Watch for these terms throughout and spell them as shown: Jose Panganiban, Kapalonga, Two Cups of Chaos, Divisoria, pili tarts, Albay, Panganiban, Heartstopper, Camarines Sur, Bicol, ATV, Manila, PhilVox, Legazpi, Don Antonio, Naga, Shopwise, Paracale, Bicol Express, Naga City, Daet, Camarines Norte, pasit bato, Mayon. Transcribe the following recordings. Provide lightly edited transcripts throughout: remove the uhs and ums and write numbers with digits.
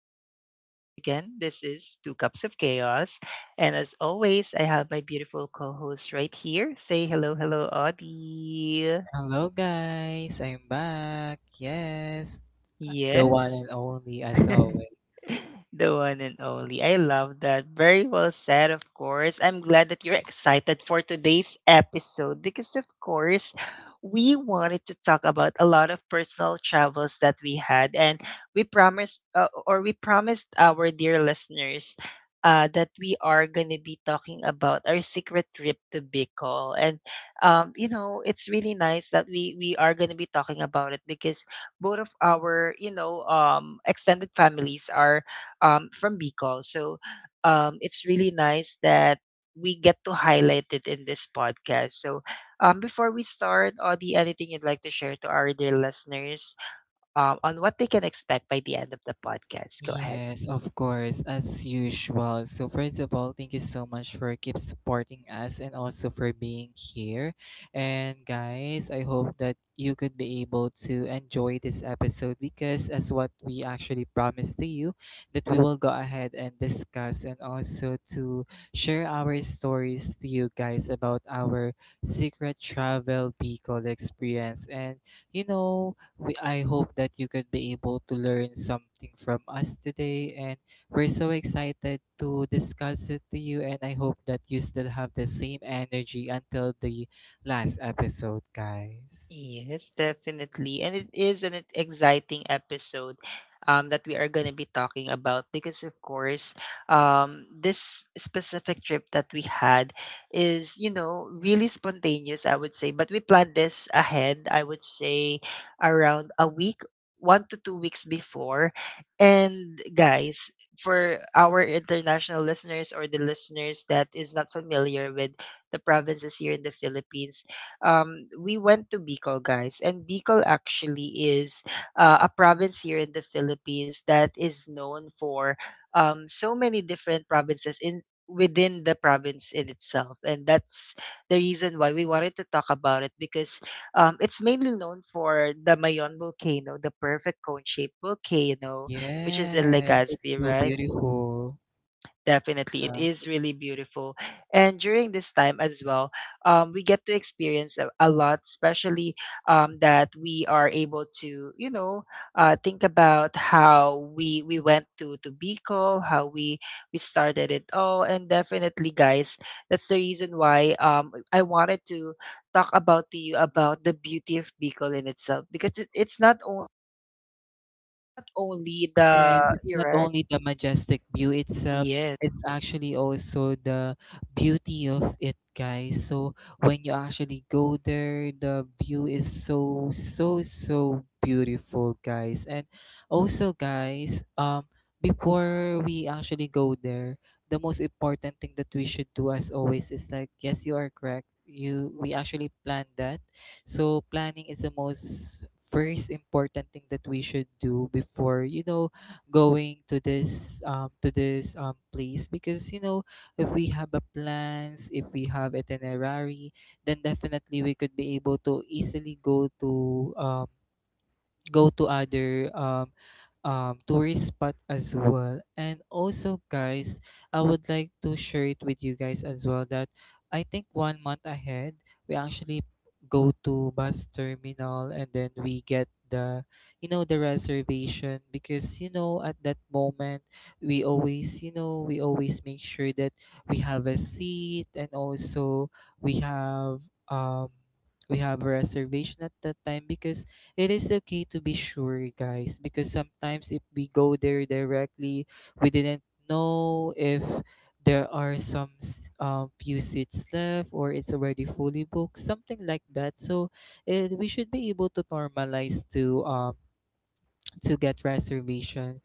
podcast. Once again, this is Two Cups of Chaos. And as always, I have my beautiful co host right here. Say hello, hello, Audie. Hello guys, I'm back. Yes, the one Yes. and only as always. The one and only. I love that. Very well said, of course. I'm glad that you're excited for today's episode because, of course, we wanted to talk about a lot of personal travels that we had, and we promised, or we promised our dear listeners. That we are going to be talking about our secret trip to Bicol. And you know, it's really nice that we are going to be talking about it because both of our extended families are from Bicol, so it's really nice that we get to highlight it in this podcast. So before we start, Audie, anything you'd like to share to our dear listeners on what they can expect by the end of the podcast? Go ahead. Yes, of course, as usual. So, first of all, thank you so much for keep supporting us and also for being here. And guys, I hope that you could be able to enjoy this episode because as what we actually promised to you, that we will go ahead and discuss and also to share our stories to you guys about our secret travel vehicle experience. And you know, I hope that you could be able to learn something from us today. And we're so excited to discuss it to you. And I hope that you still have the same energy until the last episode, guys. Yes, definitely. And it is an exciting episode that we are going to be talking about because, of course, this specific trip that we had is, you know, really spontaneous, I would say. But we planned this ahead, I would say, around a week, 1 to 2 weeks before. And, guys, for our international listeners or the listeners that is not familiar with the provinces here in the Philippines, we went to Bicol, guys, and Bicol actually is a province here in the Philippines that is known for so many different provinces in within the province in itself, and that's the reason why we wanted to talk about it because it's mainly known for the Mayon volcano, the perfect cone shaped volcano which is in Yes, it's Legazpi, so right? beautiful. Definitely, it Yeah. is really beautiful. And during this time as well, we get to experience a lot, especially that we are able to, you know, think about how we went to Bicol, how we started it all. And definitely, guys, that's the reason why I wanted to talk about to you about the beauty of Bicol in itself because it's not only the Yes, it's you're not right, only the majestic view itself, yes, it's actually also the beauty of it, guys. So when you actually go there, the view is so, so, so beautiful, guys. And also, guys, before we actually go there, the most important thing that we should do as always is like, yes, you are correct. You we actually plan that. So planning is the most first important thing that we should do before, you know, going to this place because you know if we have a plans, if we have itinerary, then definitely we could be able to easily go to other tourist spot as well. And also, guys, I would like to share it with you guys as well that I think 1 month ahead, we actually go to bus terminal and then we get the you know the reservation, because you know at that moment we always, you know, we always make sure that we have a seat, and also we have um we have a reservation at that time, because it is okay to be sure, guys, because sometimes if we go there directly, we didn't know if there are few seats left or it's already fully booked, something like that. So we should be able to normalize to get reservation,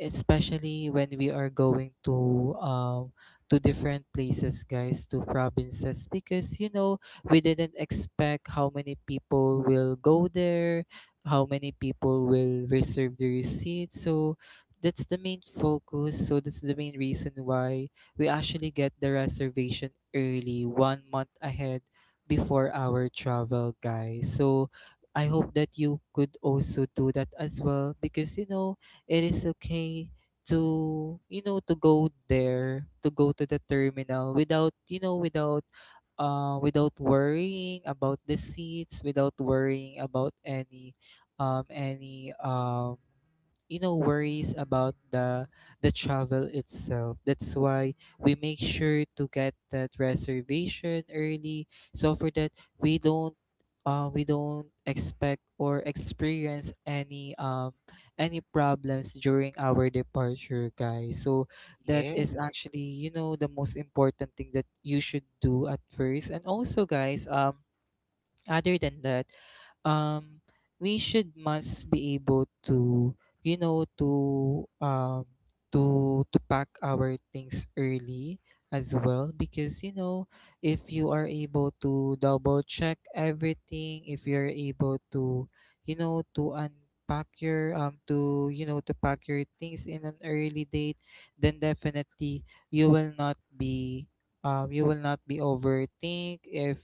especially when we are going to different places guys, to provinces, because you know we didn't expect how many people will go there, how many people will reserve the receipt. So that's the main focus, so that's the main reason why we actually get the reservation early, 1 month ahead before our travel guys. So I hope that you could also do that as well, because you know it is okay to, you know, to go there, to go to the terminal without, you know, without worrying about the seats, without worrying about any you know worries about the travel itself. That's why we make sure to get that reservation early, so for that we don't we don't expect or experience any problems during our departure, guys. So that is yes. actually, you know, the most important thing that you should do at first. And also, guys, other than that, um, we should must be able to, you know, to pack our things early as well, because you know if you are able to double check everything, if you're able to, you know, to unpack your to you know to pack your things in an early date, then definitely you will not be you will not be overthink if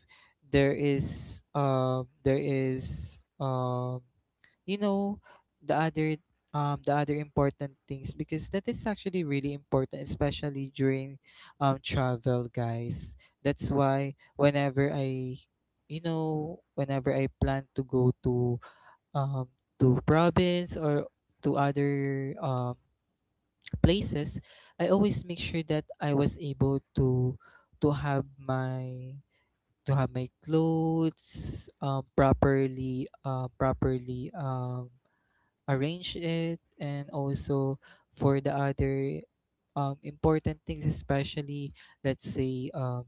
there is you know the other the other important things, because that is actually really important, especially during travel guys. That's why whenever i, you know, whenever I plan to go um to province or to other places, I always make sure that I was able to have my to have my clothes properly arrange it, and also for the other important things, especially, let's say,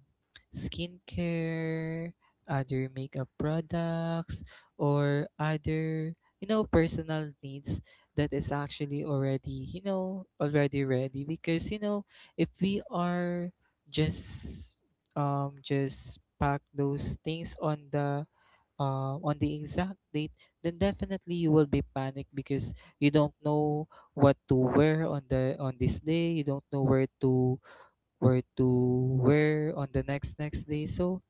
skincare, other makeup products, or other, you know, personal needs that is actually already, you know, already ready. Because, you know, if we are just, just pack those things on the exact date, then definitely you will be panicked because you don't know what to wear on the on this day. You don't know where to wear on the next next day. So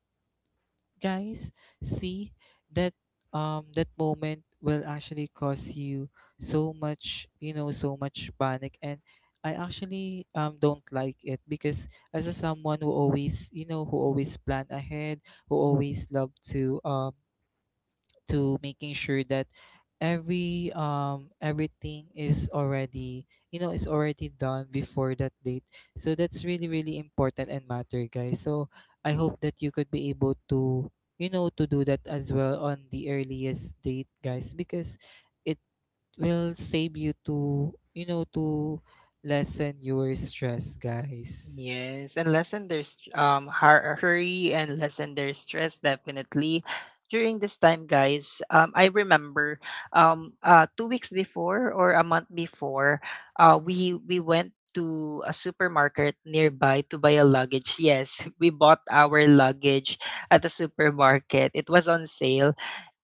guys, see that that moment will actually cause you so much, you know, so much panic, and I actually don't like it because as a someone who always, you know, who always plan ahead, who always love to making sure that everything is already, you know, is already done before that date. So that's really really important and matter guys. So I hope that you could be able to, you know, to do that as well on the earliest date, guys, because it will save you to, you know, to lessen your stress, guys. Yes, and lessen their hurry and lessen their stress definitely. During this time, guys, I remember 2 weeks before or a month before, we went to a supermarket nearby to buy a luggage. Yes, we bought our luggage at the supermarket. It was on sale,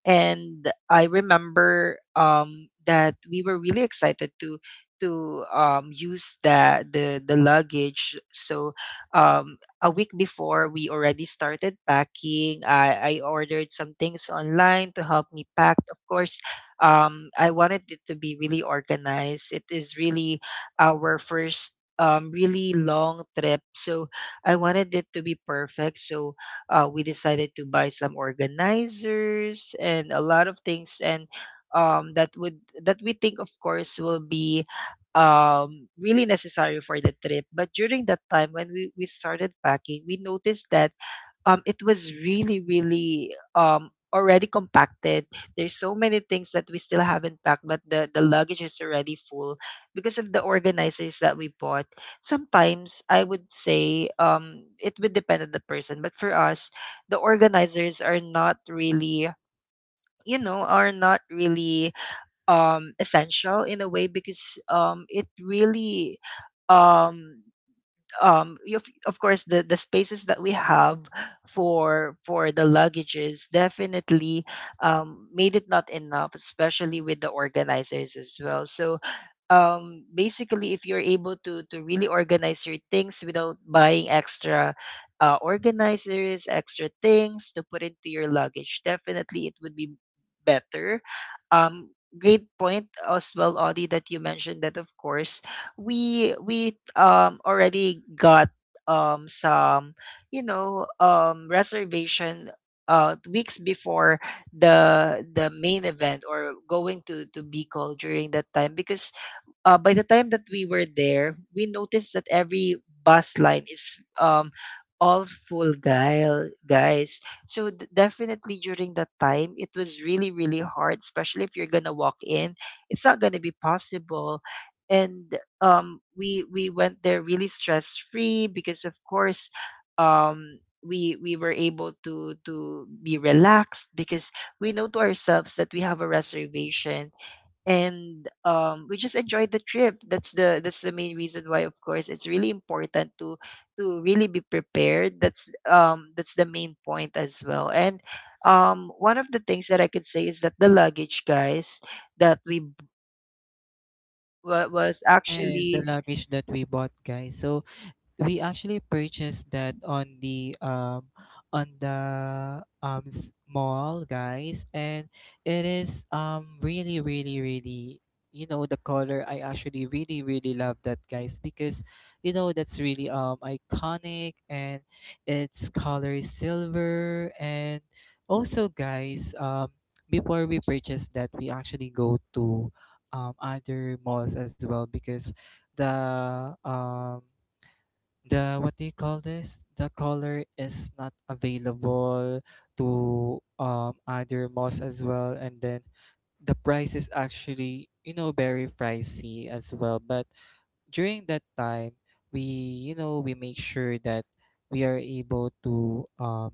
and I remember that we were really excited to use the luggage. So a week before, we already started packing. I ordered some things online to help me pack. Of course, I wanted it to be really organized. It is really our first. Really long trip, so I wanted it to be perfect. So we decided to buy some organizers and a lot of things and that would that we think, of course, will be really necessary for the trip. But during that time when we started packing, we noticed that it was really, really already compacted. There's so many things that we still haven't packed, but the luggage is already full because of the organizers that we bought. Sometimes I would say it would depend on the person, but for us, the organizers are not really, you know, are not really essential in a way because um of course, the spaces that we have for the luggages definitely made it not enough, especially with the organizers as well. So basically if you're able to really organize your things without buying extra organizers, extra things to put into your luggage, definitely it would be better. um, Great point as well, Audie, that you mentioned that, of course, we already got some reservation weeks before the main event or going to Bicol during that time because by the time that we were there, we noticed that every bus line is all full, guile guys. So definitely during that time it was really really hard, especially if you're gonna walk in, it's not gonna be possible. And we went there really stress free because, of course, um we were able to be relaxed because we know to ourselves that we have a reservation. And we just enjoyed the trip. That's the main reason why, of course, it's really important to really be prepared. That's the main point as well. And one of the things that I could say is that the luggage, guys, that we was Yes, the actually luggage that we bought, guys, so we actually purchased that on the mall, guys, and it is really really really, you know, the color, I actually really really love that guys, because you know that's really iconic, and its color is silver. And also guys, um, before we purchase that, we actually go to other malls as well, because the um the what do you call this, the color is not available to other malls as well, and then the price is actually, you know, very pricey as well. But during that time, we you know we make sure that we are able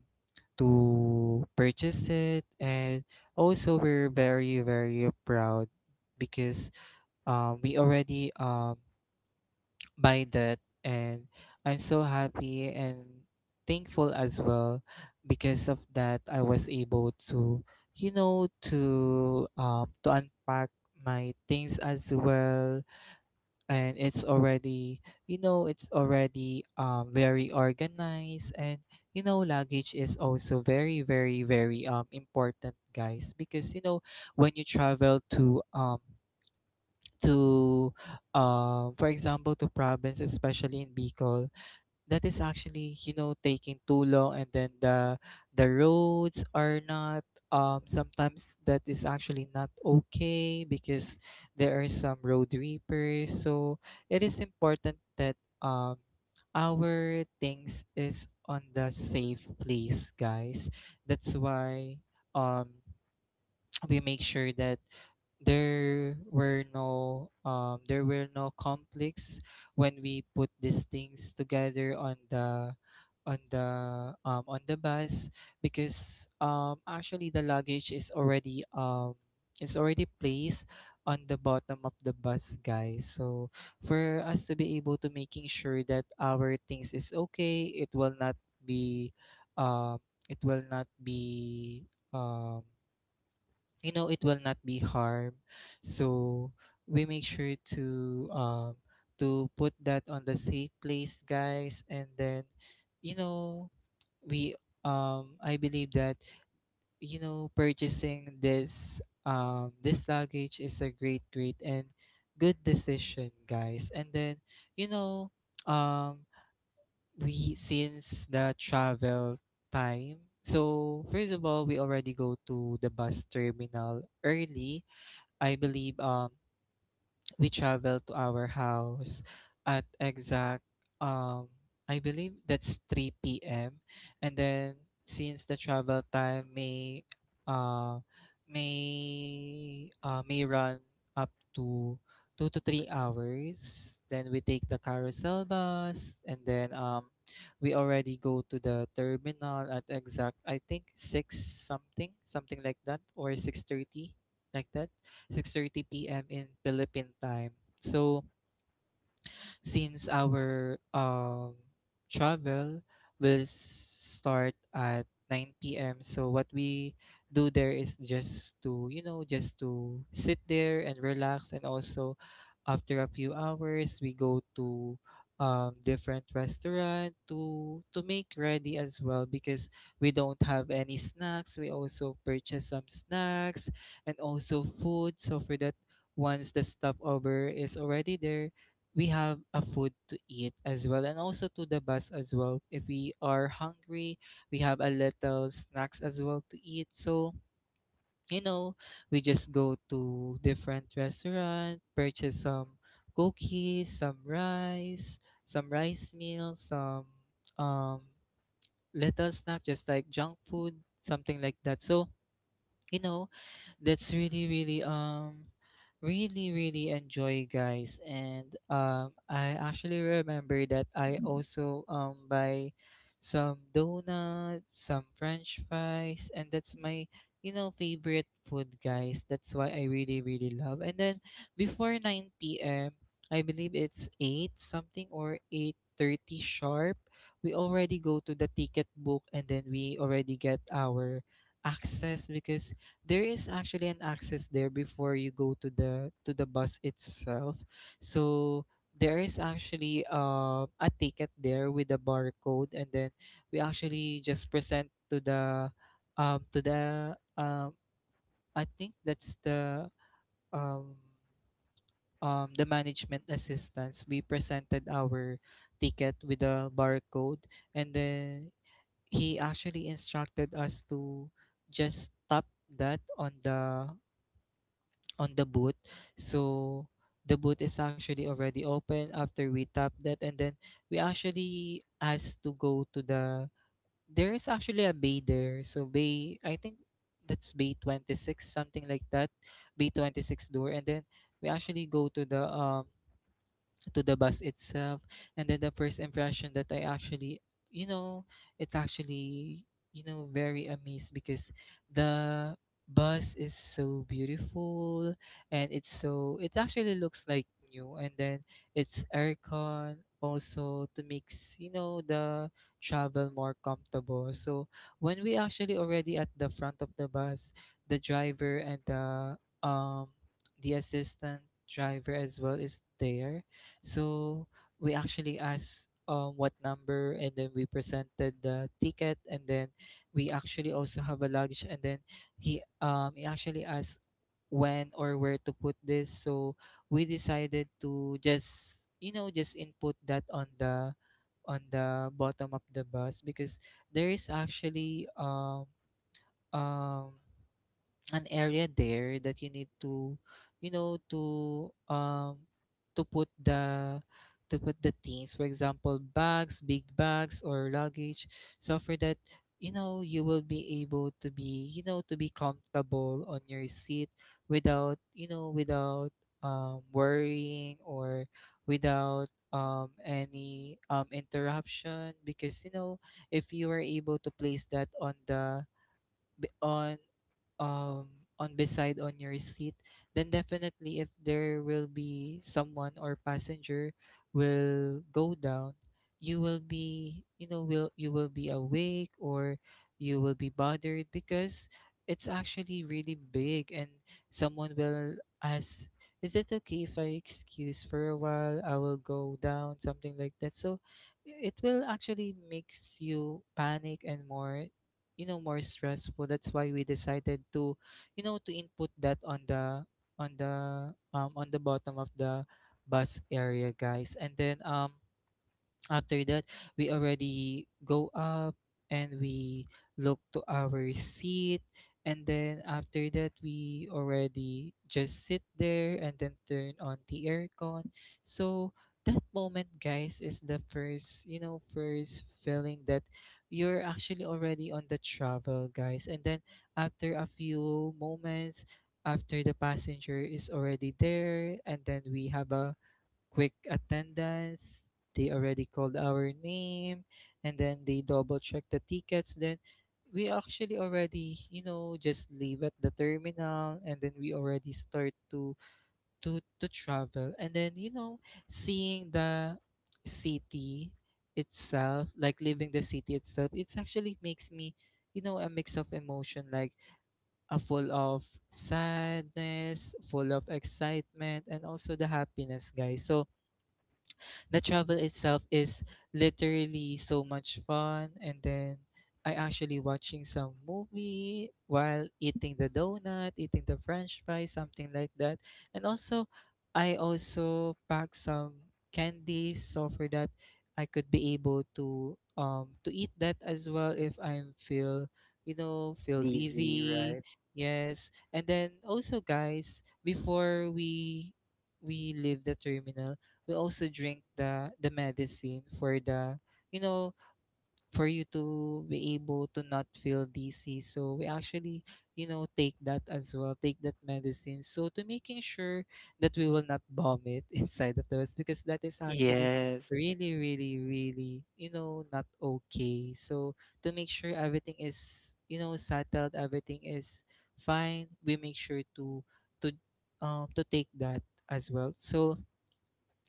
to purchase it, and also we're very very proud because we already by that, and I'm so happy and thankful as well, because of that I was able to, you know, to unpack my things as well, and it's already, you know, it's already very organized. And you know luggage is also very very very important, guys, because you know when you travel to to for example to province, especially in Bicol, that is actually, you know, taking too long, and then the roads are not sometimes that is actually not okay because there are some road reapers. So it is important that um our things is on the safe place, guys. That's why, um we make sure that there were there were no conflicts when we put these things together on the on the on the bus, because actually the luggage is already placed on the bottom of the bus, guys. So for us to be able to making sure that our things is okay, it will not be um it will not be um you know it will not be harm. So we make sure to put that on the safe place, guys. And then you know we I believe that, you know, purchasing this luggage is a great great and good decision, guys. And then you know, um we since the travel time, so first of all, we already go to the bus terminal early. I believe we traveled to our house at exact um I believe that's 3 p.m., and then since the travel time uh may run up to 2 to 3 hours. Then we take the carousel bus, and then we already go to the terminal at exact I think 6 something, something like that, or 6:30, like that, 6:30 p.m. in Philippine time. So, since our travel will start at 9 p.m. So what we do there is just just to sit there and relax. And also after a few hours we go to different restaurant to make ready as well because we don't have any snacks. We also purchase some snacks and also food, so for that once the stopover is already there we have a food to eat as well, and also to the bus as well, if we are hungry we have a little snacks as well to eat. So you know we just go to different restaurant, purchase some cookies, some rice, some rice meal, some um little snack just like junk food, something like that. So you know that's really really really really enjoy, guys. And I actually remember that I also buy some donuts, some french fries, and that's my favorite food, guys. That's why I really really love. And then before 9 p.m., I believe it's 8 something or 8:30 sharp, we already go to the ticket book and then we already get our access, because there is actually an access there before you go to the bus itself. So there is actually a ticket there with a barcode, and then we actually just present to the um to the um I think that's um the management assistants. We presented our ticket with a barcode, and then he actually instructed us to just tap that on the boot. So the boot is actually already open after we tap that, and then we actually asked to go to the— there is actually a bay there. So bay, I think that's bay 26, something like that. Bay 26 door, and then we actually go to the bus itself. And then the first impression that I actually you know it's actually very amazed because the bus is so beautiful, and it's so— it actually looks like new. And then it's aircon also, to makes you know the travel more comfortable. So when we actually already at the front of the bus, the driver and um the assistant driver as well is there. So we actually asked what number, and then we presented the ticket, and then we actually also have a luggage, and then he actually asked when or where to put this. So we decided to just just input that on the bottom of the bus, because there is actually um an area there that you need to you know to um to put the things, for example bags, big bags, or luggage. So for that you will be able to be to be comfortable on your seat, without worrying, or without any interruption, because you know if you are able to place that on the b- on um on beside on your seat, then definitely if there will be someone or passenger will go down, you will be— you will be awake, or you will be bothered, because it's actually really big and someone will ask, is it okay if I excuse for a while, I will go down, something like that. So it will actually makes you panic and more, more stressful. That's why we decided to to input that on the on the bottom of the bus area, guys. And then after that we already go up, and we look to our seat, and then after that we already just sit there and then turn on the aircon. So that moment, guys, is the first, first feeling that you're actually already on the travel, guys. And then after a few moments, after the passenger is already there, and then we have a quick attendance. They already called our name, and then they double check the tickets. Then we actually already, just leave at the terminal, and then we already start to to travel. And then, seeing the city itself, like leaving the city itself, it's actually makes me, a mix of emotion, like a full of sadness, full of excitement, and also the happiness, guys. So the travel itself is literally so much fun. And then I actually watching some movie while eating the donut, eating the French fry, something like that. And also, I also pack some candies, so for that I could be able to eat that as well if I'm feel feel lazy, dizzy. right? Yes, and then also, guys, before we leave the terminal, we also drink the medicine for the you know for you to be able to not feel dizzy. So we actually take that as well, take that medicine, so to making sure that we will not vomit inside of the bus, because that is actually Yes. really really really, not okay. So to make sure everything is, settled, everything is fine, we make sure to to to take that as well. So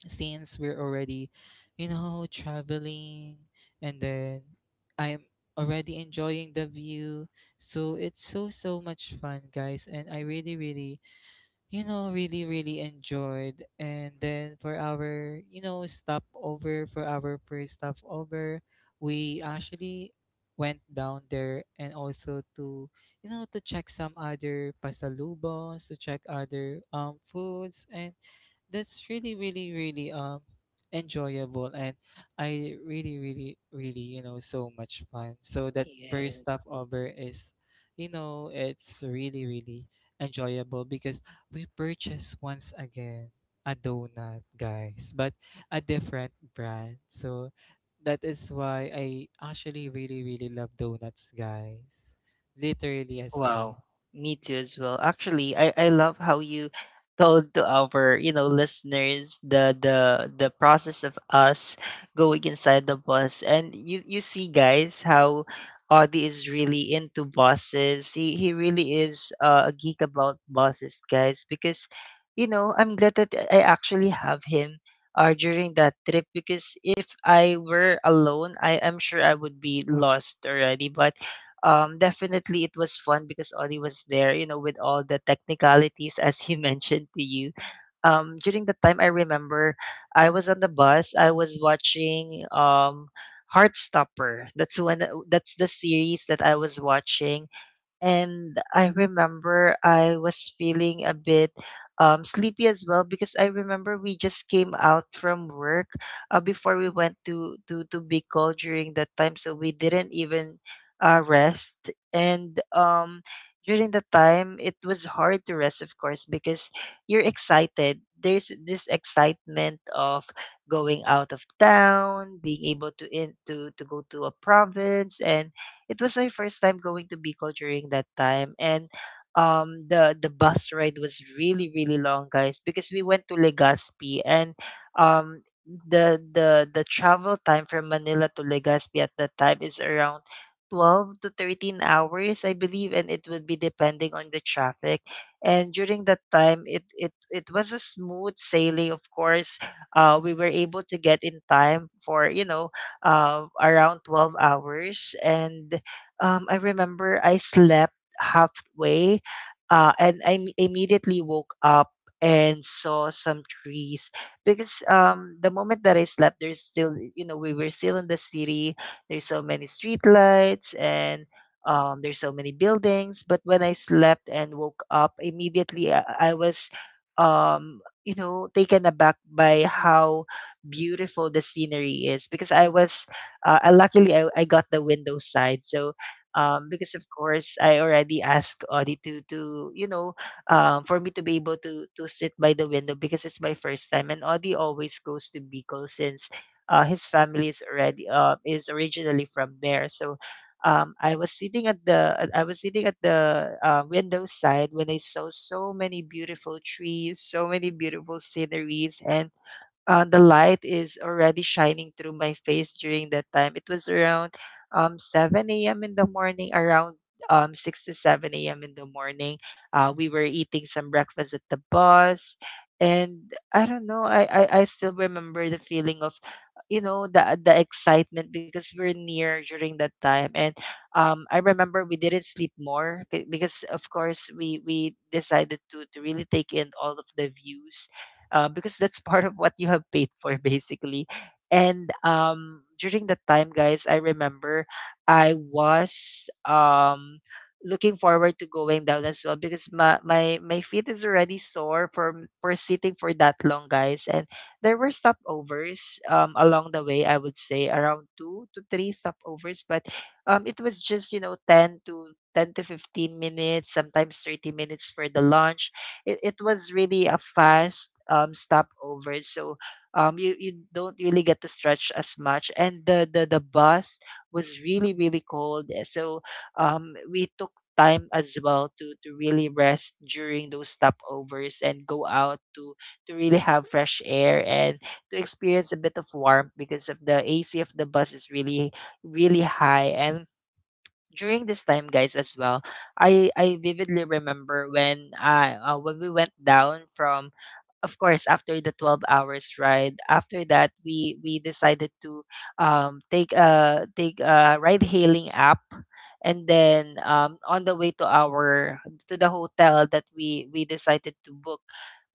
since we're already, traveling, and then I'm already enjoying the view. So it's so so much fun, guys, and I really really, really really enjoyed. And then for our, stopover, for our first stopover, we actually went down there, and also to to check some other pasalubos, to check other foods. And that's really really really enjoyable, and I really really really, so much fun. So that first Yes. stop over is it's really really enjoyable, because we purchased once again a donut, guys, but a different brand. So that is why I actually really really love donuts, guys, literally, as in— Wow, me too as well. Actually, I love how you told to our, you know, listeners the the process of us going inside the bus. And you see, guys, how Audie is really into buses. He really is a geek about buses, guys, because you know I'm glad that I actually have him. During that trip, because if I were alone, I am sure I would be lost already. But definitely it was fun because Ollie was there, you know, with all the technicalities as he mentioned to you. During the time I remember, I was on the bus. I was watching Heartstopper. That's the series that I was watching, and I remember I was feeling a bit sleepy as well because I remember we just came out from work before we went to Bicol during that time, so we didn't even rest. And during the time, it was hard to rest, of course, because you're excited. There's this excitement of going out of town, being able to go to a province. And it was my first time going to Bicol during that time. And the bus ride was really really long, guys, because we went to Legazpi. And the travel time from Manila to Legazpi at that time is around 12 to 13 hours, I believe, and it would be depending on the traffic. And during that time it was a smooth sailing, of course. We were able to get in time for, you know, around 12 hours. And I remember I slept halfway and I immediately woke up and saw some trees because the moment that I slept, there's still, you know, we were still in the city. There's so many street lights and there's so many buildings. But when I slept and woke up immediately, I was you know, taken aback by how beautiful the scenery is. Because I was I luckily I got the window side. So because of course I already asked Audie to, you know, for me to be able to sit by the window because it's my first time, and Audie always goes to Bicol since his family is already is originally from there. So I was sitting at the window side when I saw so many beautiful trees, so many beautiful sceneries. And the light is already shining through my face during that time. It was around 7 a.m. in the morning, around 6 to 7 a.m. in the morning. We were eating some breakfast at the bus. And I don't know, I still remember the feeling of, you know, the excitement because we're near during that time. And I remember we didn't sleep because, of course, we decided to really take in all of the views because that's part of what you have paid for basically. And during that time, guys, I remember I was looking forward to going down as well because my feet is already sore from for sitting for that long, guys. And there were stopovers along the way. I would say around two to three stopovers, but it was just, you know, 10 to 15 minutes, sometimes 30 minutes for the lunch. It was really a fast stopover. So you don't really get to stretch as much, and the bus was really, really cold, eh, so we took time as well to really rest during those stopovers and go out to really have fresh air and to experience a bit of warmth because of the AC of the bus is really, really high. And during this time, guys, as well, I vividly remember when I when we went down from, of course, after the 12 hours ride. After that, we decided to take a ride hailing app, and then, on the way to our to the hotel that we decided to book.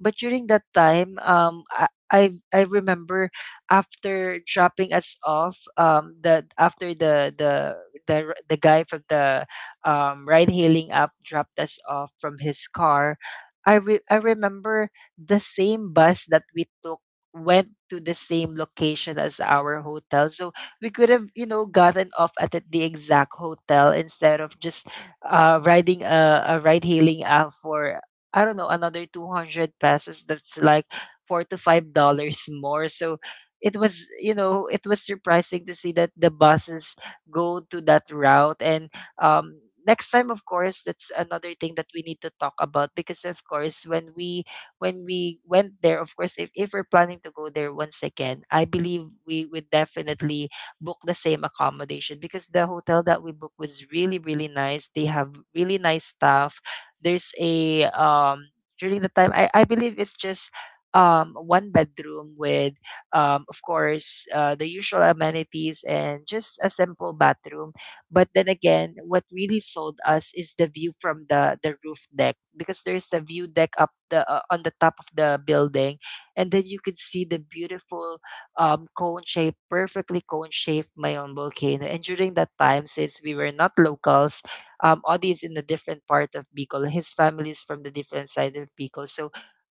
But during that time, I remember after dropping us off, the after the guy from the ride hailing app dropped us off from his car. I remember the same bus that we took went to the same location as our hotel. So we could have, you know, gotten off at the exact hotel instead of just riding a ride hailing app for, I don't know, another 200 pesos. That's like $4 to $5 more. So it was, you know, it was surprising to see that the buses go to that route. And um, next time, of course, that's another thing that we need to talk about because, of course, when we went there, of course, if we're planning to go there once again, I believe we would definitely book the same accommodation because the hotel that we booked was really, really nice. They have really nice staff. There's a during the time, I believe it's just one bedroom with of course the usual amenities and just a simple bathroom. But then again, what really sold us is the view from the roof deck because there's a view deck up the on the top of the building, and then you could see the beautiful cone shaped, perfectly cone shaped Mayon volcano. And during that time, since we were not locals, Audi is in a different part of Bicol. His family is from the different side of Bicol, so.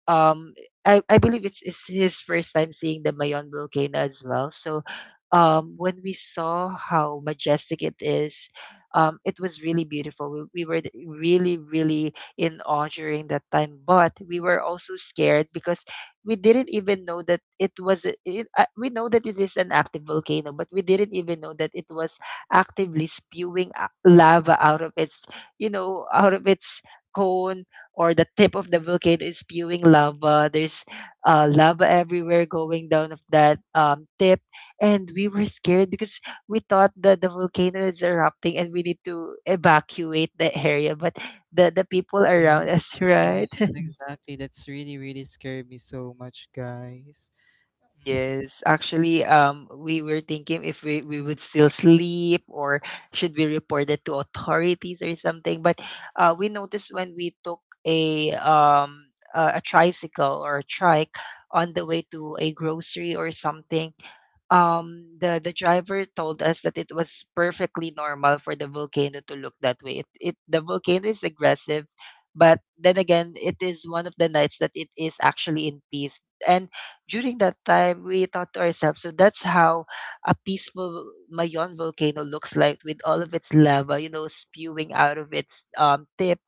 Um, I believe it's his first time seeing the Mayon volcano as well. So when we saw how majestic it is, it was really beautiful. We were really, really in awe during that time, but we were also scared because we didn't even know that it was. A- It, we know that it is an active volcano, but we didn't even know that it was actively spewing lava out of its, you know, out of its cone, or the tip of the volcano is spewing lava. There's lava everywhere going down of that tip. And we were scared because we thought that the volcano is erupting and we need to evacuate the area. But the people around us, right? Yes, exactly. That's really, really scared me so much, guys. Mhm. Yes, actually, we were thinking if we would still sleep or should we report it to authorities or something. But we noticed when we took a tricycle or a trike on the way to a grocery or something, the driver told us that it was perfectly normal for the volcano to look that way. It the volcano is aggressive, but then again, it is one of the nights that it is actually in peace. And during that time, we thought to ourselves, so that's how a peaceful Mayon volcano looks like, with all of its lava, you know, spewing out of its tip.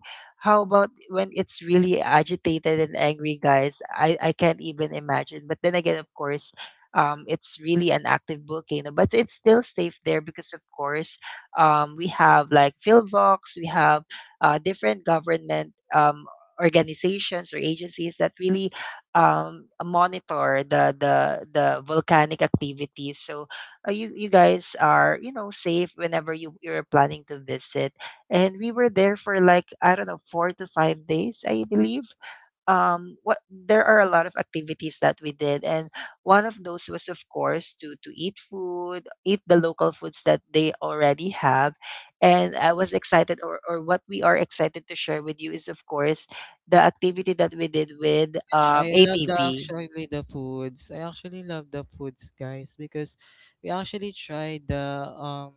How about when it's really agitated and angry, guys? I can't even imagine. But then again, of course, it's really an active volcano, but it's still safe there because, of course, we have like PhilVox, we have different government organizations or agencies that really monitor the volcanic activity. So you guys are, you know, safe whenever you're planning to visit. And we were there for like, I don't know, 4 to 5 days, I believe. What There are a lot of activities that we did, and one of those was, of course, to eat food, eat the local foods that they already have. And I was excited or what we are excited to share with you is, of course, the activity that we did with Yeah, I love the ATV. actually the foods. I actually love the foods, guys, because we actually tried um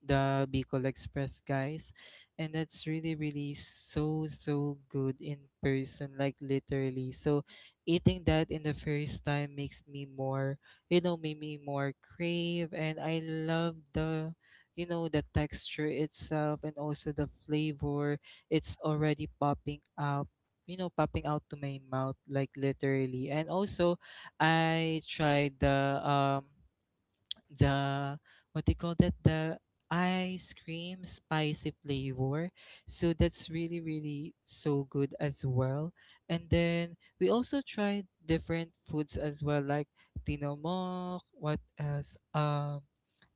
the Bicol Express, guys, and that's really really so so good in person, like literally. So eating that in the first time makes me more, made me more crave. And I love the, the texture itself and also the flavor. It's already popping up. Popping out to my mouth, like literally. And also, I tried the the what they call that, the ice cream spicy flavor. So that's really really so good as well. And then we also tried different foods as well, like tinomok, what else, um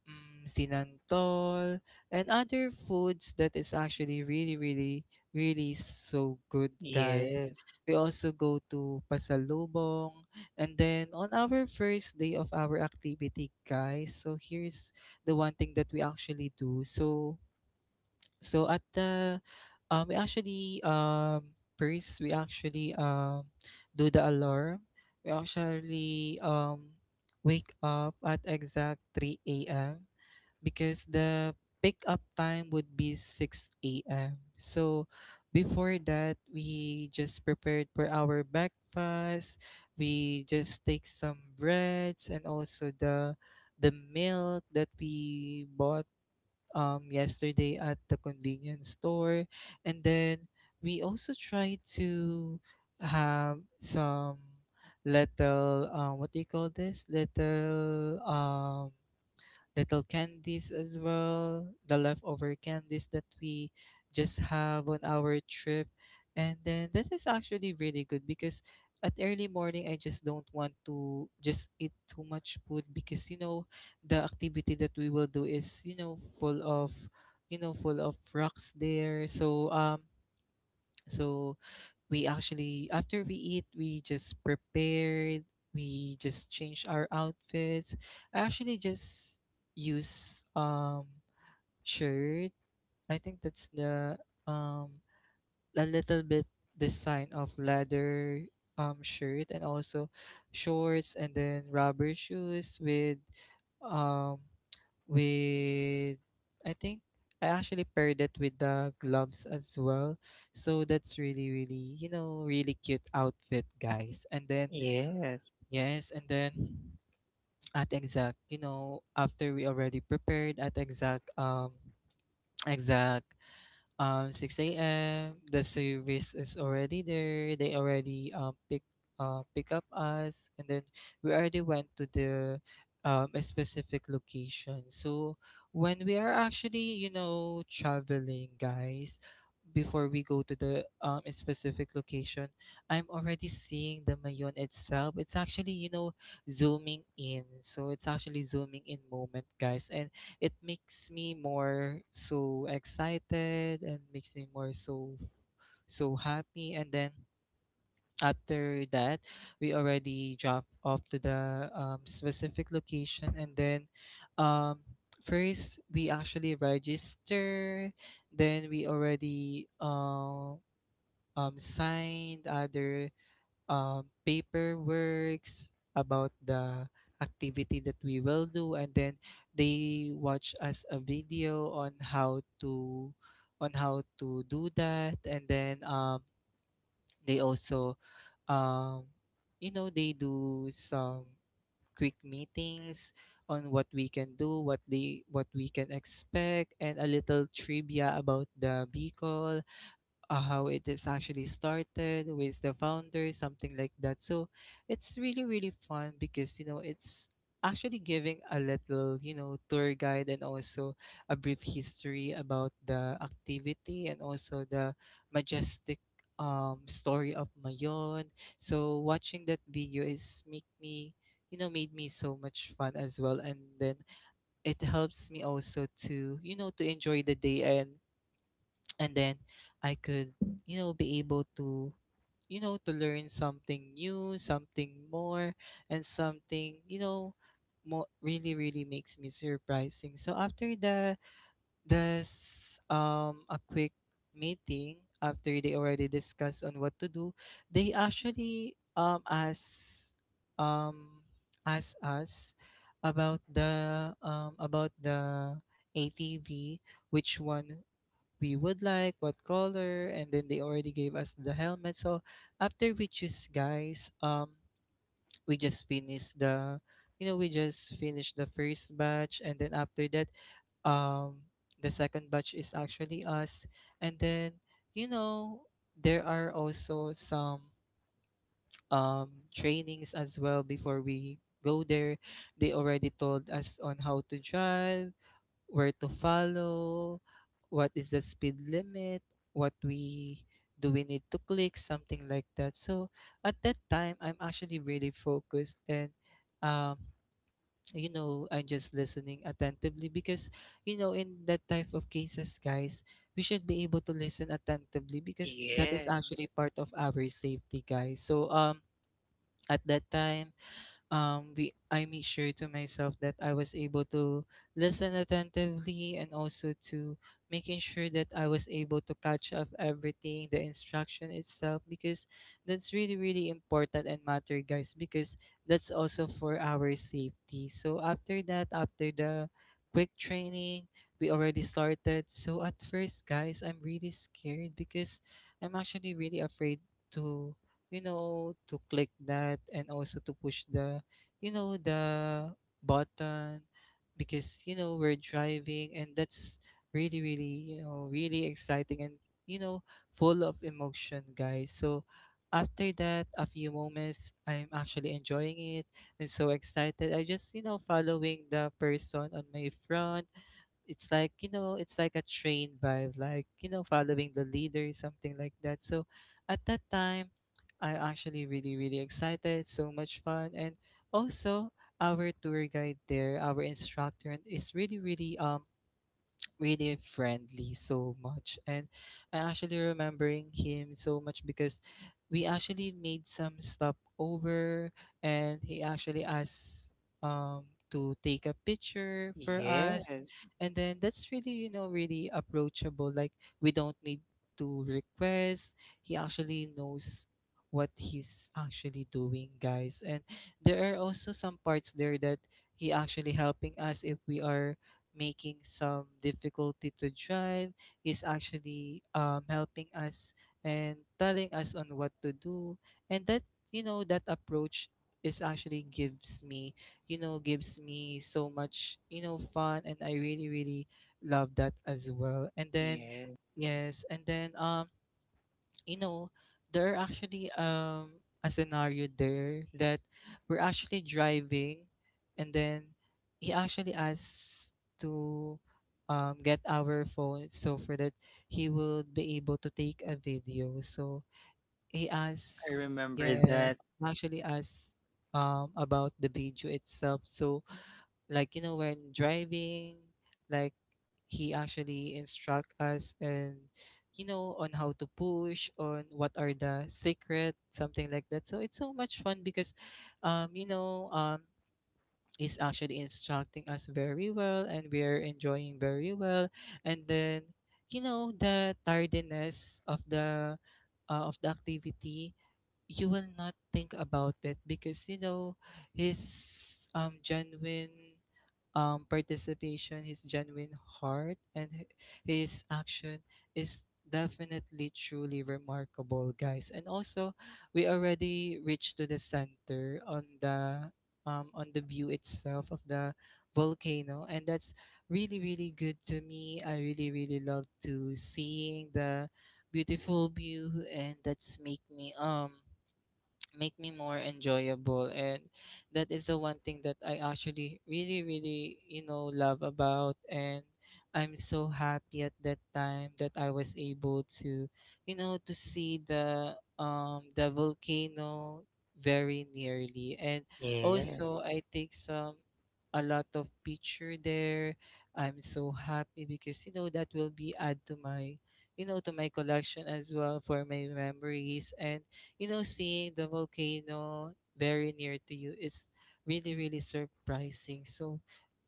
mm, sinantol, and other foods that is actually really really really so good, guys. Yes, We also go to pasalubong. And then on our first day of our activity, guys, so here's the one thing that we actually do. So so at the we actually first we actually do the alarm. We actually wake up at exact 3 a.m., because the pickup time would be 6 a.m. So before that, we just prepared for our breakfast. We just take some breads and also the milk that we bought yesterday at the convenience store. And then we also try to have some little, what do you call this, little little candies as well, the leftover candies that we just have on our trip. And then that is actually really good because at early morning I just don't want to just eat too much food, because you know the activity that we will do is, you know full of full of rocks there. So so we actually after we eat we just prepared, we just change our outfits. I actually just use shirt, I think that's the um a little bit design of leather shirt, and also shorts, and then rubber shoes with um with I think I actually paired it with the gloves as well. So that's really, really, really cute outfit, guys. And then yes, yes, and then at exact, after we already prepared, at exact exact 6 a.m. the service is already there. They already pick up us. And then we already went to the a specific location. So when we are actually, traveling, guys, before we go to the specific location, I'm already seeing the Mayon itself. It's actually, zooming in. So it's actually zooming in moment, guys. And it makes me more so excited and makes me more so so happy. And then after that, we already drop off to the specific location. And then, um, first we actually register, then we already signed other paperworks about the activity that we will do. And then they watch us a video on how to do that. And then, they also, um, they do some quick meetings on what we can do, what they— what we can expect, and a little trivia about the Bicol, how it is actually started with the founder, something like that. So it's really, really fun, because, it's actually giving a little, tour guide, and also a brief history about the activity, and also the majestic story of Mayon. So watching that video is make me, made me so much fun as well. And then it helps me also to, to enjoy the day. And then I could, be able to, to learn something new, something more, and something, more really really makes me surprising. So after the this a quick meeting, after they already discuss on what to do, they actually um ask us about the ATV, which one we would like, what color. And then they already gave us the helmet. So after we choose, guys, we just finished the, we just finished the first batch. And then after that, um, the second batch is actually us. And then you know there are also some um trainings as well before we go there. They already told us on how to drive, where to follow, what is the speed limit, what we do we need to click, something like that. So at that time, I'm actually really focused and, um, you know, I'm just listening attentively because, you know, in that type of cases, guys, we should be able to listen attentively because that is yeah, actually part of our safety, guys. So at that time we I made sure to myself that I was able to listen attentively and also to making sure that I was able to catch up everything, the instruction itself, because that's really, really important and matter, guys, because that's also for our safety. So after that, after the quick training, we already started. So at first, guys, I'm really scared because I'm actually really afraid to, you know, to click that and also to push the, you know, the button because you know we're driving and that's really, really, you know, really exciting and, you know, full of emotion, guys. So after that, a few moments, I'm actually enjoying it and so excited. I just, you know, following the person on my front. It's like, you know, it's like a train vibe, like, you know, following the leader, something like that. So at that time, I actually really, really excited, so much fun. And also our tour guide there, our instructor, is really really really friendly so much. And I actually remembering him so much because we actually made some stopover, and he actually asked um to take a picture for us. yes. And then that's really, you know, really approachable. Like, we don't need to request. He actually knows what he's actually doing, guys. And there are also some parts there that he actually helping us if we are making some difficulty to drive, is actually helping us and telling us on what to do. And that, you know, that approach is actually gives me, you know, gives me so much, you know, fun, and I really, really love that as well. And then yes, and then you know, there are actually a scenario there that we're actually driving, and then he actually asks to, get our phone so for that he will be able to take a video. So he I asks, remember yes, that. actually asks about the video itself. So like, you know, when driving, like, he actually instruct us and, you know, on how to push, on what are the secret, something like that. So it's so much fun because you know, is actually instructing us very well, and we're enjoying very well. And then, you know, the tiredness of the of the activity, you will not think about it because you know his genuine participation, his genuine heart, and his action is definitely truly remarkable, guys. And also we already reached to the center on the view itself of the volcano, and that's really, really good to me. I really, really love to seeing the beautiful view, and that's make me more enjoyable. And that is the one thing that I actually really, really, you know, love about. And I'm so happy at that time that I was able to, you know, to see the volcano very nearly. And Yes. also I take some, a lot of picture there. I'm so happy because, you know, that will be add to my, you know, to my collection as well for my memories. And, you know, seeing the volcano very near to you is really, really surprising. So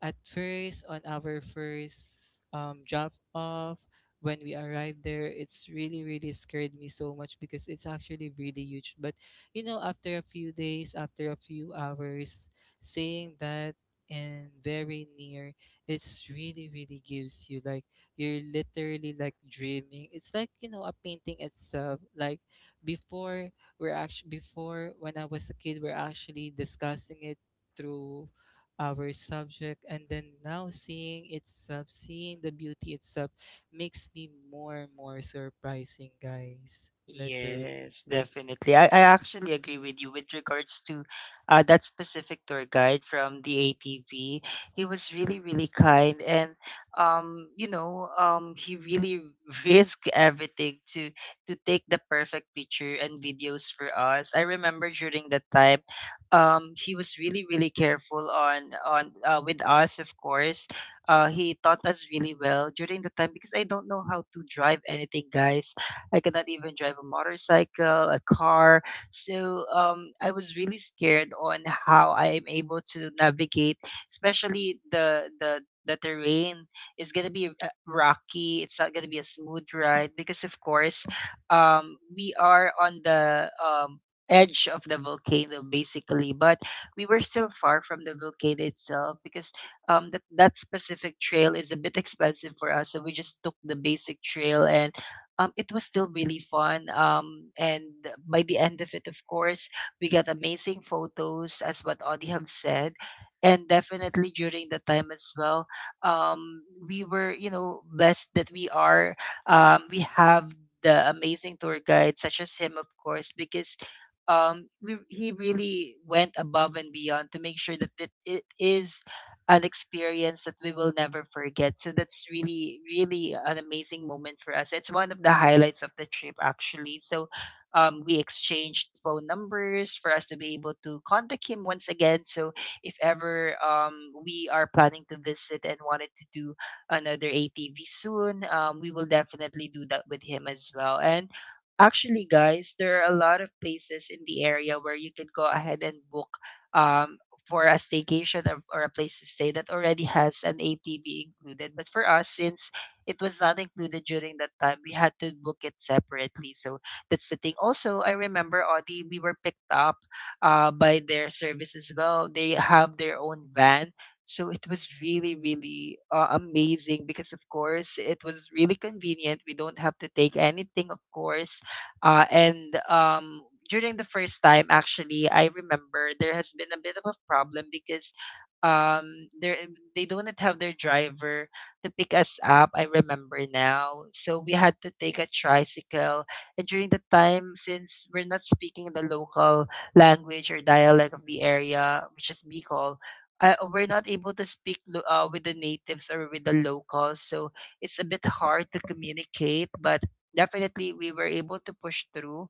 at first, on our first drop off, when we arrived there, it's really, really scared me so much because it's actually really huge. But, you know, after a few days, after a few hours, seeing that and very near, it's really, really gives you like you're literally like dreaming. It's like, you know, a painting itself. Like before, we're actually before when I was a kid, we're actually discussing it through our subject, and then now seeing itself, seeing the beauty itself, makes me more and more surprising, guys. Literally, Yes, definitely. I actually agree with you with regards to that specific tour guide from the ATV. He was really, really kind. And he really risked everything to take the perfect picture and videos for us. I remember during that time, he was really, really careful on with us, of course. Uh, he taught us really well during the time because I don't know how to drive anything, guys. I cannot even drive a motorcycle, a car. So I was really scared on how I am able to navigate, especially the terrain is gonna be rocky. It's not gonna be a smooth ride because, of course, we are on the edge of the volcano basically. But we were still far from the volcano itself because that specific trail is a bit expensive for us, so we just took the basic trail. And it was still really fun. And by the end of it, of course, we got amazing photos, as what Audie have said. And definitely during the time as well, um, we were, you know, blessed that we have the amazing tour guide, such as him, of course, because he really went above and beyond to make sure that it is an experience that we will never forget. So that's really, really an amazing moment for us. It's one of the highlights of the trip, actually. So we exchanged phone numbers for us to be able to contact him once again. So if ever we are planning to visit and wanted to do another ATV soon, we will definitely do that with him as well. And actually, guys, there are a lot of places in the area where you can go ahead and book um, for a staycation, or a place to stay that already has an ATV included. But for us, since it was not included during that time, we had to book it separately. So that's the thing. Also, I remember Audi, we were picked up by their service as well. They have their own van. So it was really, really amazing because, of course, it was really convenient. We don't have to take anything, of course. And during the first time, actually, I remember there has been a bit of a problem because there they do not have their driver to pick us up. I remember now. So we had to take a tricycle. And during the time, since we're not speaking the local language or dialect of the area, which is Bicol, we're not able to speak with the natives or with the locals. So it's a bit hard to communicate, but definitely we were able to push through.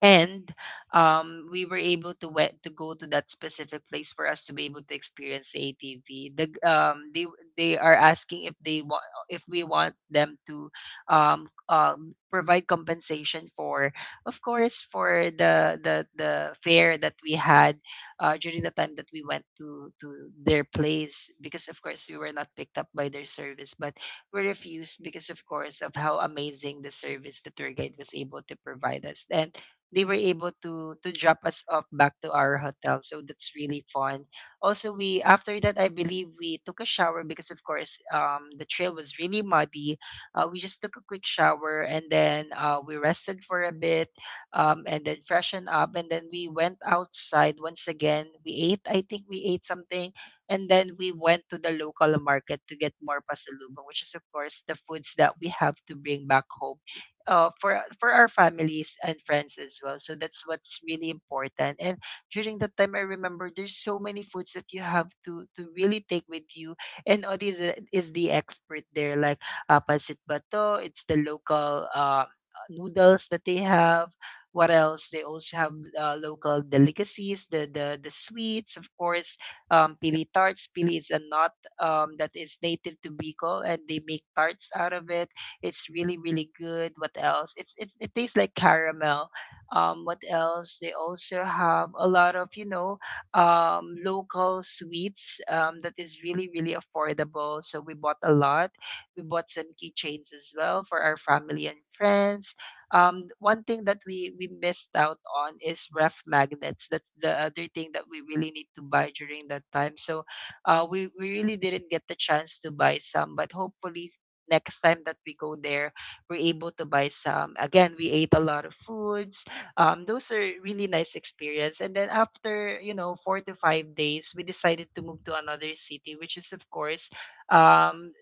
And we were able to went to go to that specific place for us to be able to experience the ATV. They are asking if they want if we want them to provide compensation for, of course, for the fare that we had during the time that we went to their place because, of course, we were not picked up by their service. But we refused because, of course, of how amazing the service the tour guide was able to provide us. And they were able to drop us off back to our hotel. So that's really fun. Also, we after that, I believe we took a shower because, of course, the trail was really muddy. We just took a quick shower, and then we rested for a bit, and then freshened up, and then we went outside once again. We ate. I think we ate something, and then we went to the local market to get more pasalubong, which is, of course, the foods that we have to bring back home for our families and friends as well. So that's what's really important. And during that time, I remember there's so many foods that you have to really take with you. And Odi is the expert there. Like pasit bato. It's the local noodles that they have. What else? They also have local delicacies, the sweets, of course. Pili tarts. Pili is a nut that is native to Bicol, and they make tarts out of it. It's really, really good. What else? It tastes like caramel. What else? They also have a lot of, you know, local sweets that is really, really affordable. So we bought a lot. We bought some keychains as well for our family and friends. One thing that we missed out on is ref magnets. That's the other thing that we really need to buy during that time. So we really didn't get the chance to buy some, but hopefully next time that we go there, we're able to buy some. Again, we ate a lot of foods. Those are really nice experience. And then after, 4 to 5 days, we decided to move to another city, which is of course um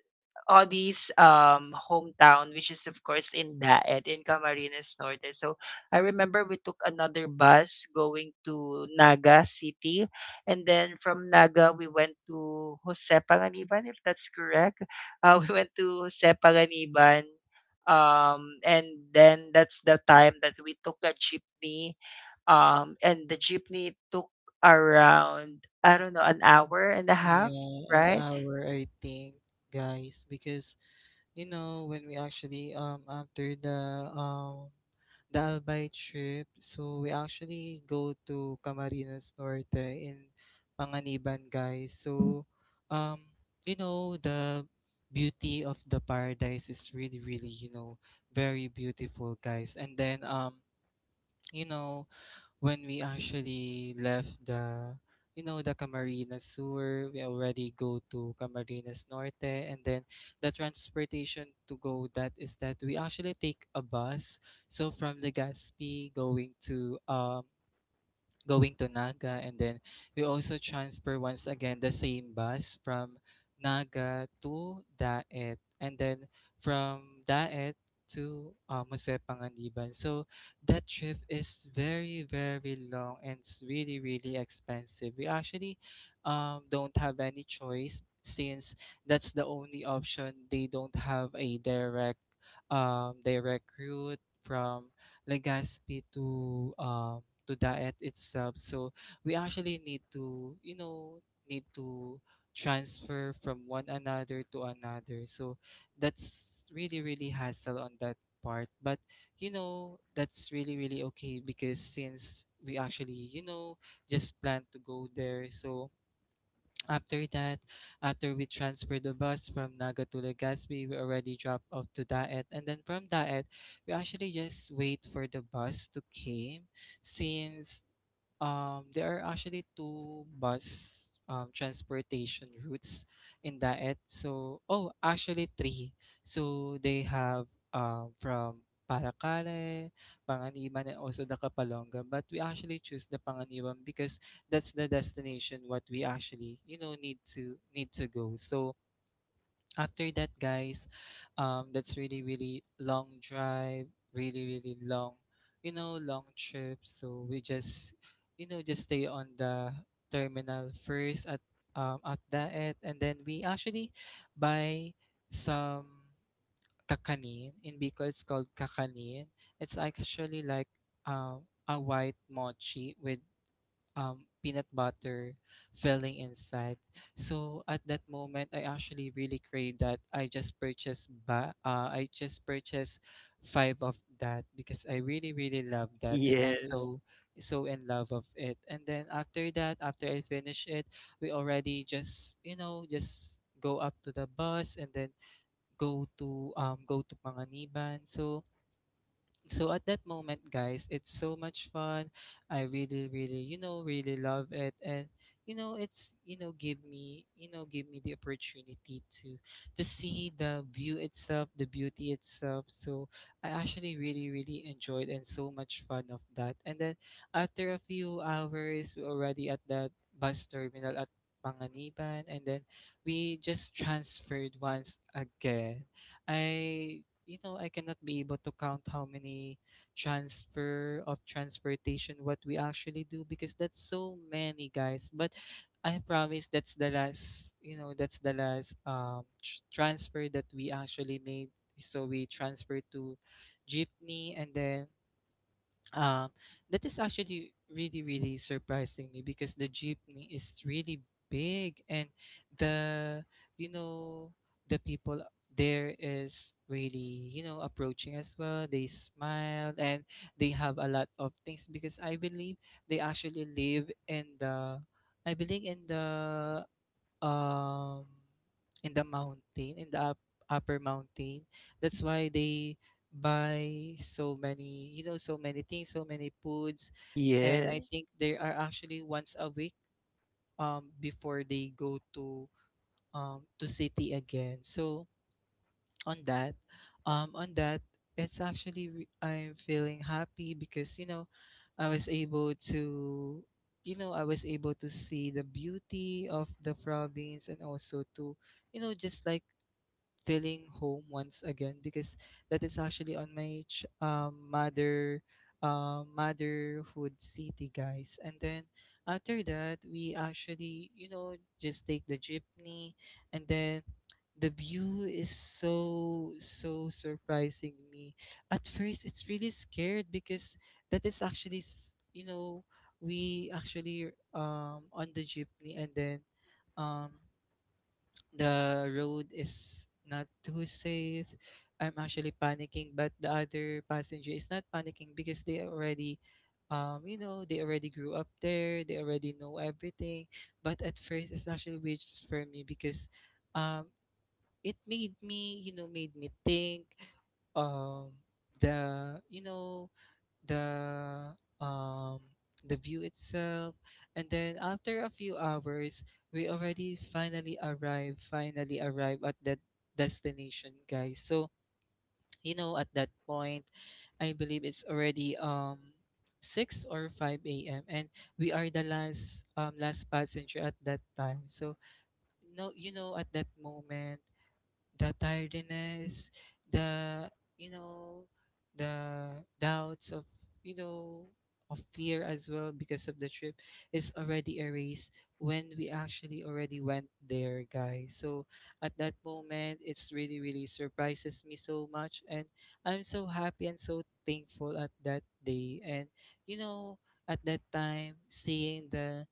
all these hometown, which is of course in Daet in Camarines Norte. So I remember we took another bus going to Naga City, and then from Naga we went to Jose Panganiban, if that's correct. We went to Jose Panganiban. And then that's the time that we took a jeepney. And the jeepney took around, I don't know, an hour and a half, yeah, an right? hour I think, guys, because you know, when we actually after the Albay trip, so we actually go to Camarines Norte in Panganiban, guys. So um you know, the beauty of the paradise is really, really, you know, very beautiful, guys. And then you know, when we actually left the, you know, the Camarines Sur, we already go to Camarines Norte, and then the transportation to go that is that we actually take a bus. So from Legazpi going to going to Naga, and then we also transfer once again the same bus from Naga to Daet, and then from Daet to Museo Panganiban. So that trip is very, very long, and it's really, really expensive. We actually don't have any choice since that's the only option. They don't have a direct direct route from Legazpi to diet itself. So we actually need to, you know, need to transfer from one another to another. So that's really, really hassle on that part. But, you know, that's really, really okay because since we actually, you know, just plan to go there. So after that, after we transferred the bus from Naga to Legazpi, we already dropped off to Daet. And then from Daet, we actually just wait for the bus to came since there are actually two bus transportation routes in Daet. So, oh, actually three. So they have from Paracale, Panganiban, and also the Kapalonga. But we actually choose the Panganiban because that's the destination what we actually, you know, need to go. So after that, guys, that's really, really long drive, really, really long, you know, long trip. So we just, you know, just stay on the terminal first at Daet. And then we actually buy some kakanin. In Bicol, it's called kakanin. It's actually like a white mochi with peanut butter filling inside. So at that moment, I actually really crave that. I just I just purchased five of that because I really, really love that, and I Yes. so so in love of it. And then after that, after I finish it, we already just, you know, just go up to the bus and then go to go to Panganiban. So so at that moment, guys, it's so much fun. I really, really, you know, really love it. And, you know, it's, you know, give me, you know, give me the opportunity to see the view itself, the beauty itself. So I actually really, really enjoyed, and so much fun of that. And then after a few hours, we're already at the bus terminal at Panganiban. And then we just transferred once again. I, you know, I cannot be able to count how many transfer of transportation what we actually do because that's so many, guys. But I promise that's the last, you know, that's the last transfer that we actually made. So we transferred to jeepney, and then, um, that is actually really, really surprising me because the jeepney is really big. And the, you know, the people there is really, you know, approaching as well. They smile, and they have a lot of things because I believe they actually live in the, I believe um in the mountain, in the up, upper mountain. That's why they buy so many, you know, so many things, so many foods. And I Yes. think they are actually once a week, before they go to city again. So on that, on that, I'm feeling happy because, you know, I was able to, you know, I was able to see the beauty of the province and also to, you know, just like feeling home once again because that is actually on my mother motherhood city, guys. And then after that, we actually, you know, just take the jeepney. And then the view is so so surprising me. At first, it's really scared because that is actually you know, we actually on the jeepney, and then um the road is not too safe. I'm actually panicking, but the other passenger is not panicking because they already, you know, they already grew up there, they already know everything. But at first, it's actually weird for me because um it made me, you know, made me think um the, you know, the um the view itself. And then after a few hours, we already finally arrive at that destination, guys. So, you know, at that point, I believe it's already 6 or 5 a.m., and we are the last passenger at that time. So no, you know, at that moment, the tiredness, the, you know, the doubts of, you know, of fear as well because of the trip, is already erased when we actually already went there, guys. So at that moment, it's really really surprises me so much. And I'm so happy and so thankful at that day, and you know. At that time, seeing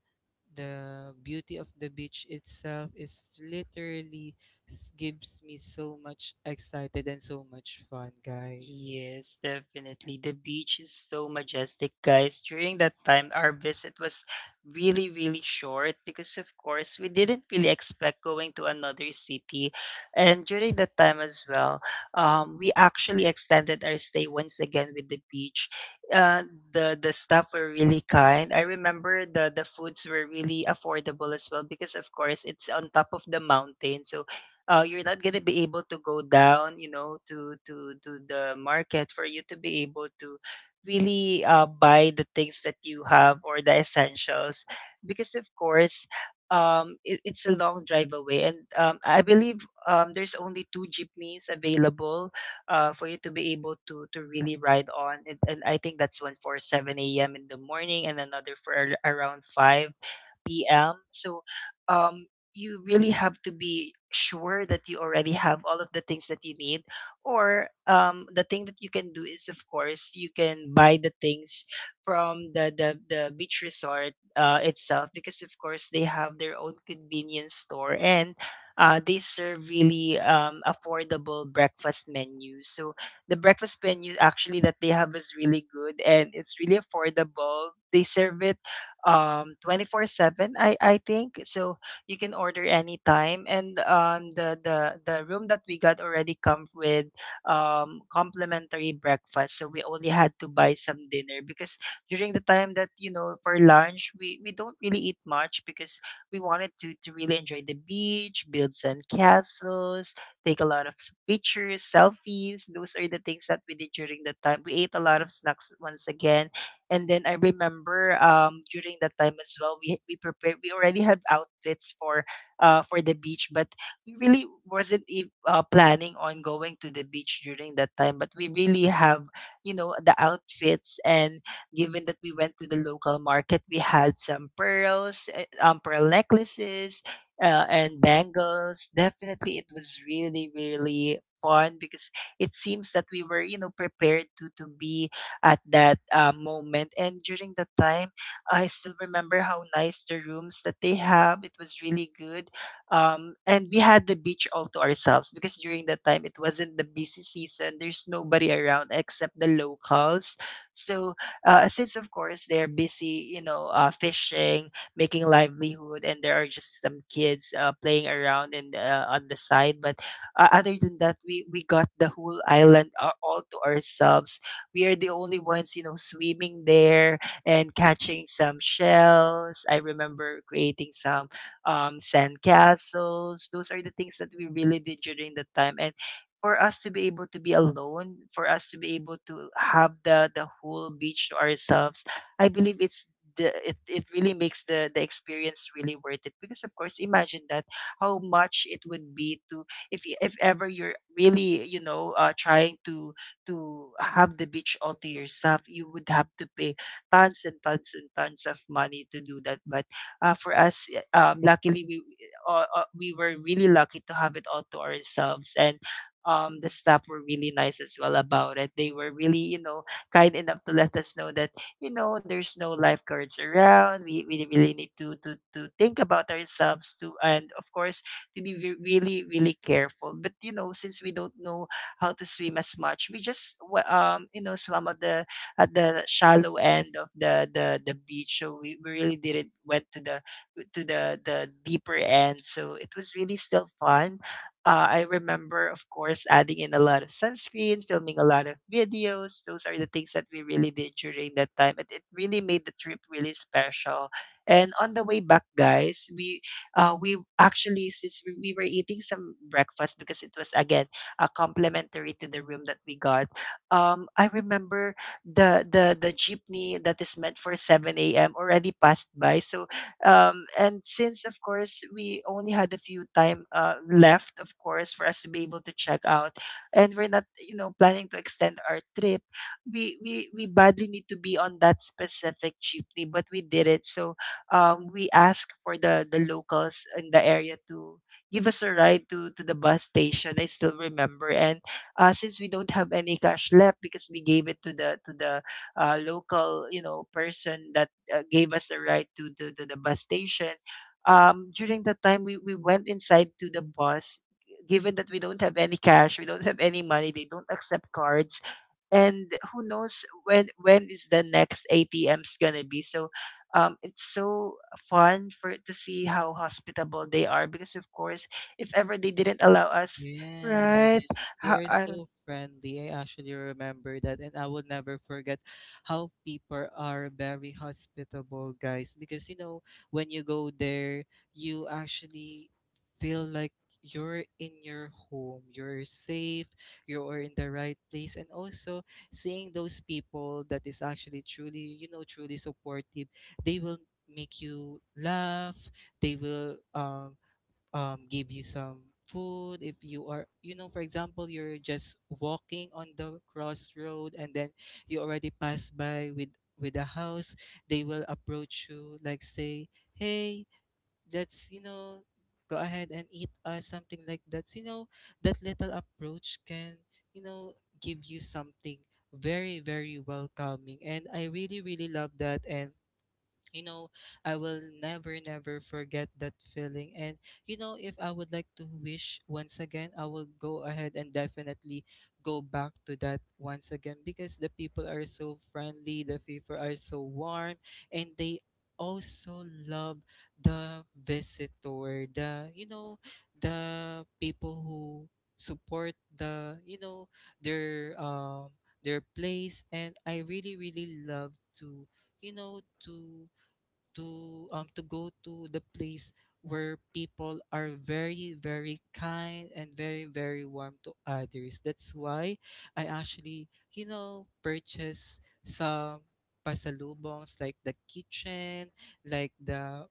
the beauty of the beach itself is literally gives me so much excited and so much fun, guys. Yes, definitely. The beach is so majestic, guys. During that time, our visit was really, really short because, of course, we didn't really expect going to another city. And during that time as well, we actually extended our stay once again with the beach. Uh, the staff were really kind. I remember the foods were really affordable as well because, of course, it's on top of the mountain, so you're not gonna be able to go down, you know, to to the market for you to be able to really buy the things that you have or the essentials, because of course, it's a long drive away, and I believe there's only two jeepneys available for you to be able to really ride on, and I think that's one for seven a.m. in the morning, and another for around five p.m. So um, you really have to be sure that you already have all of the things that you need. Or the thing that you can do is, of course, you can buy the things from the beach resort itself because, of course, they have their own convenience store and they serve really affordable breakfast menu. So the breakfast menu actually that they have is really good and it's really affordable. They serve it 24/7, I think, so you can order anytime. And the room that we got already comes with complimentary breakfast, so we only had to buy some dinner, because during the time that, you know, for lunch we don't really eat much because we wanted to really enjoy the beach, build sand castles, take a lot of pictures, selfies. Those are the things that we did during the time. We ate a lot of snacks once again. And then I remember during that time as well, we prepared. We already had outfits for the beach, but we really wasn't planning on going to the beach during that time. But we really have, you know, the outfits, and given that we went to the local market, we had some pearls, pearl necklaces, and bangles. Definitely, it was really really fun because it seems that we were, you know, prepared to be at that moment. And during that time, I still remember how nice the rooms that they have. It was really good. And we had the beach all to ourselves because during that time, it wasn't the busy season. There's nobody around except the locals. So, since of course they're busy, you know, fishing, making livelihood, and there are just some kids playing around and on the side. But other than that, we got the whole island all to ourselves. We are the only ones, you know, swimming there and catching some shells. I remember creating some sand castles. Those are the things that we really did during the time. And for us to be able to be alone, for us to be able to have the whole beach to ourselves, I believe it's it really makes the experience really worth it, because of course imagine that how much it would be to, if ever you're really, you know, trying to have the beach all to yourself, you would have to pay tons and tons and tons of money to do that. But for us, luckily we were really lucky to have it all to ourselves, and the staff were really nice as well about it. They were really, you know, kind enough to let us know that, you know, there's no lifeguards around. We really need to to think about ourselves too, and of course to be really really careful. But you know, since we don't know how to swim as much. We just you know swam at the shallow end of the beach. So we really didn't went to the deeper end. So it was really still fun. I remember, of course, adding in a lot of sunscreen, filming a lot of videos. Those are the things that we really did during that time. It really made the trip really special. And on the way back, guys, we actually, since we were eating some breakfast because it was again complimentary to the room that we got. I remember the jeepney that is meant for 7 a.m. already passed by. So and since of course we only had a few time left, of course, for us to be able to check out, and we're not, you know, planning to extend our trip. We badly need to be on that specific jeepney, but we did it. So we asked for the locals in the area to give us a ride to the bus station. I still remember. And since we don't have any cash left because we gave it to the local, you know, person that gave us a ride to the bus station. During that time, we went inside to the bus. Given that we don't have any cash, we don't have any money. They don't accept cards, and who knows when is the next ATM's gonna be. So it's so fun for to see how hospitable they are, because of course, if ever they didn't allow us, Yeah, right? they how, are i don't so friendly. I actually remember that, and I will never forget how people are very hospitable, guys. Because, you know, when you go there, you actually feel like you're in your home, you're safe, you're in the right place. And also seeing those people that is actually truly, you know, truly supportive, they will make you laugh, they will give you some food. If you are, you know, for example, you're just walking on the crossroad, and then you already pass by with a house, they will approach you like say, hey, let's, you know, go ahead and eat us, something like that. You know, that little approach can, you know, give you something very, very welcoming, and I really, really love that. And, you know, I will never, never forget that feeling. And, you know, if I would like to wish once again, I will go ahead and definitely go back to that once again because the people are so friendly, the people are so warm. And they also love the visitor, the, you know, the people who support the, you know, their um their place. And I really, really love to, you know, to go to the place where people are very, very kind and very, very warm to others. That's why I actually, you know, purchase some pasalubongs like the kitchen, like the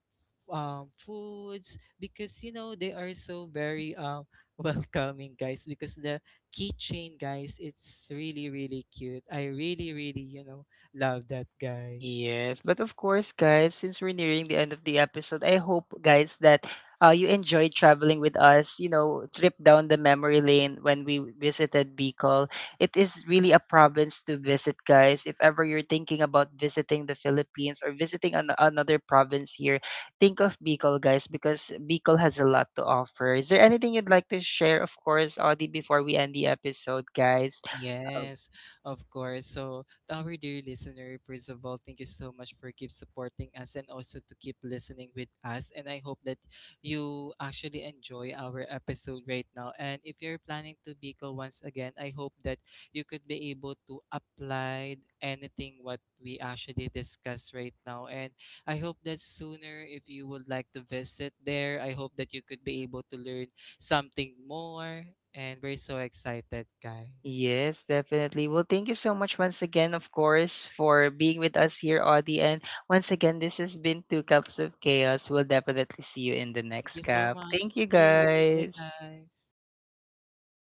foods because, you know, they are so very welcoming, guys. Because the keychain, guys, it's really really cute. I really, really, you know, love that, guys. Yes, but of course, guys, since we're nearing the end of the episode, I hope, guys, that you enjoyed traveling with us. You know, trip down the memory lane when we visited Bicol. It is really a province to visit, guys. If ever you're thinking about visiting the Philippines or visiting another province here, think of Bicol, guys, because Bicol has a lot to offer. Is there anything you'd like to share, of course, Audie, before we end the episode, guys? Yes, of course. So, to our dear listener, first of all, thank you so much for keep supporting us and also to keep listening with us. And I hope that you actually enjoy our episode right now. And if you're planning to Bicol once again, I hope that you could be able to apply anything what we actually discuss right now. And I hope that sooner, if you would like to visit there, I hope that you could be able to learn something more. And we're so excited, guys. Yes, definitely. Well, thank you so much once again, of course, for being with us here, Audie. And once again, this has been Two Cups of Chaos. We'll definitely see you in the Thank next you so cup. much. Thank you, See you. Bye, guys. guys.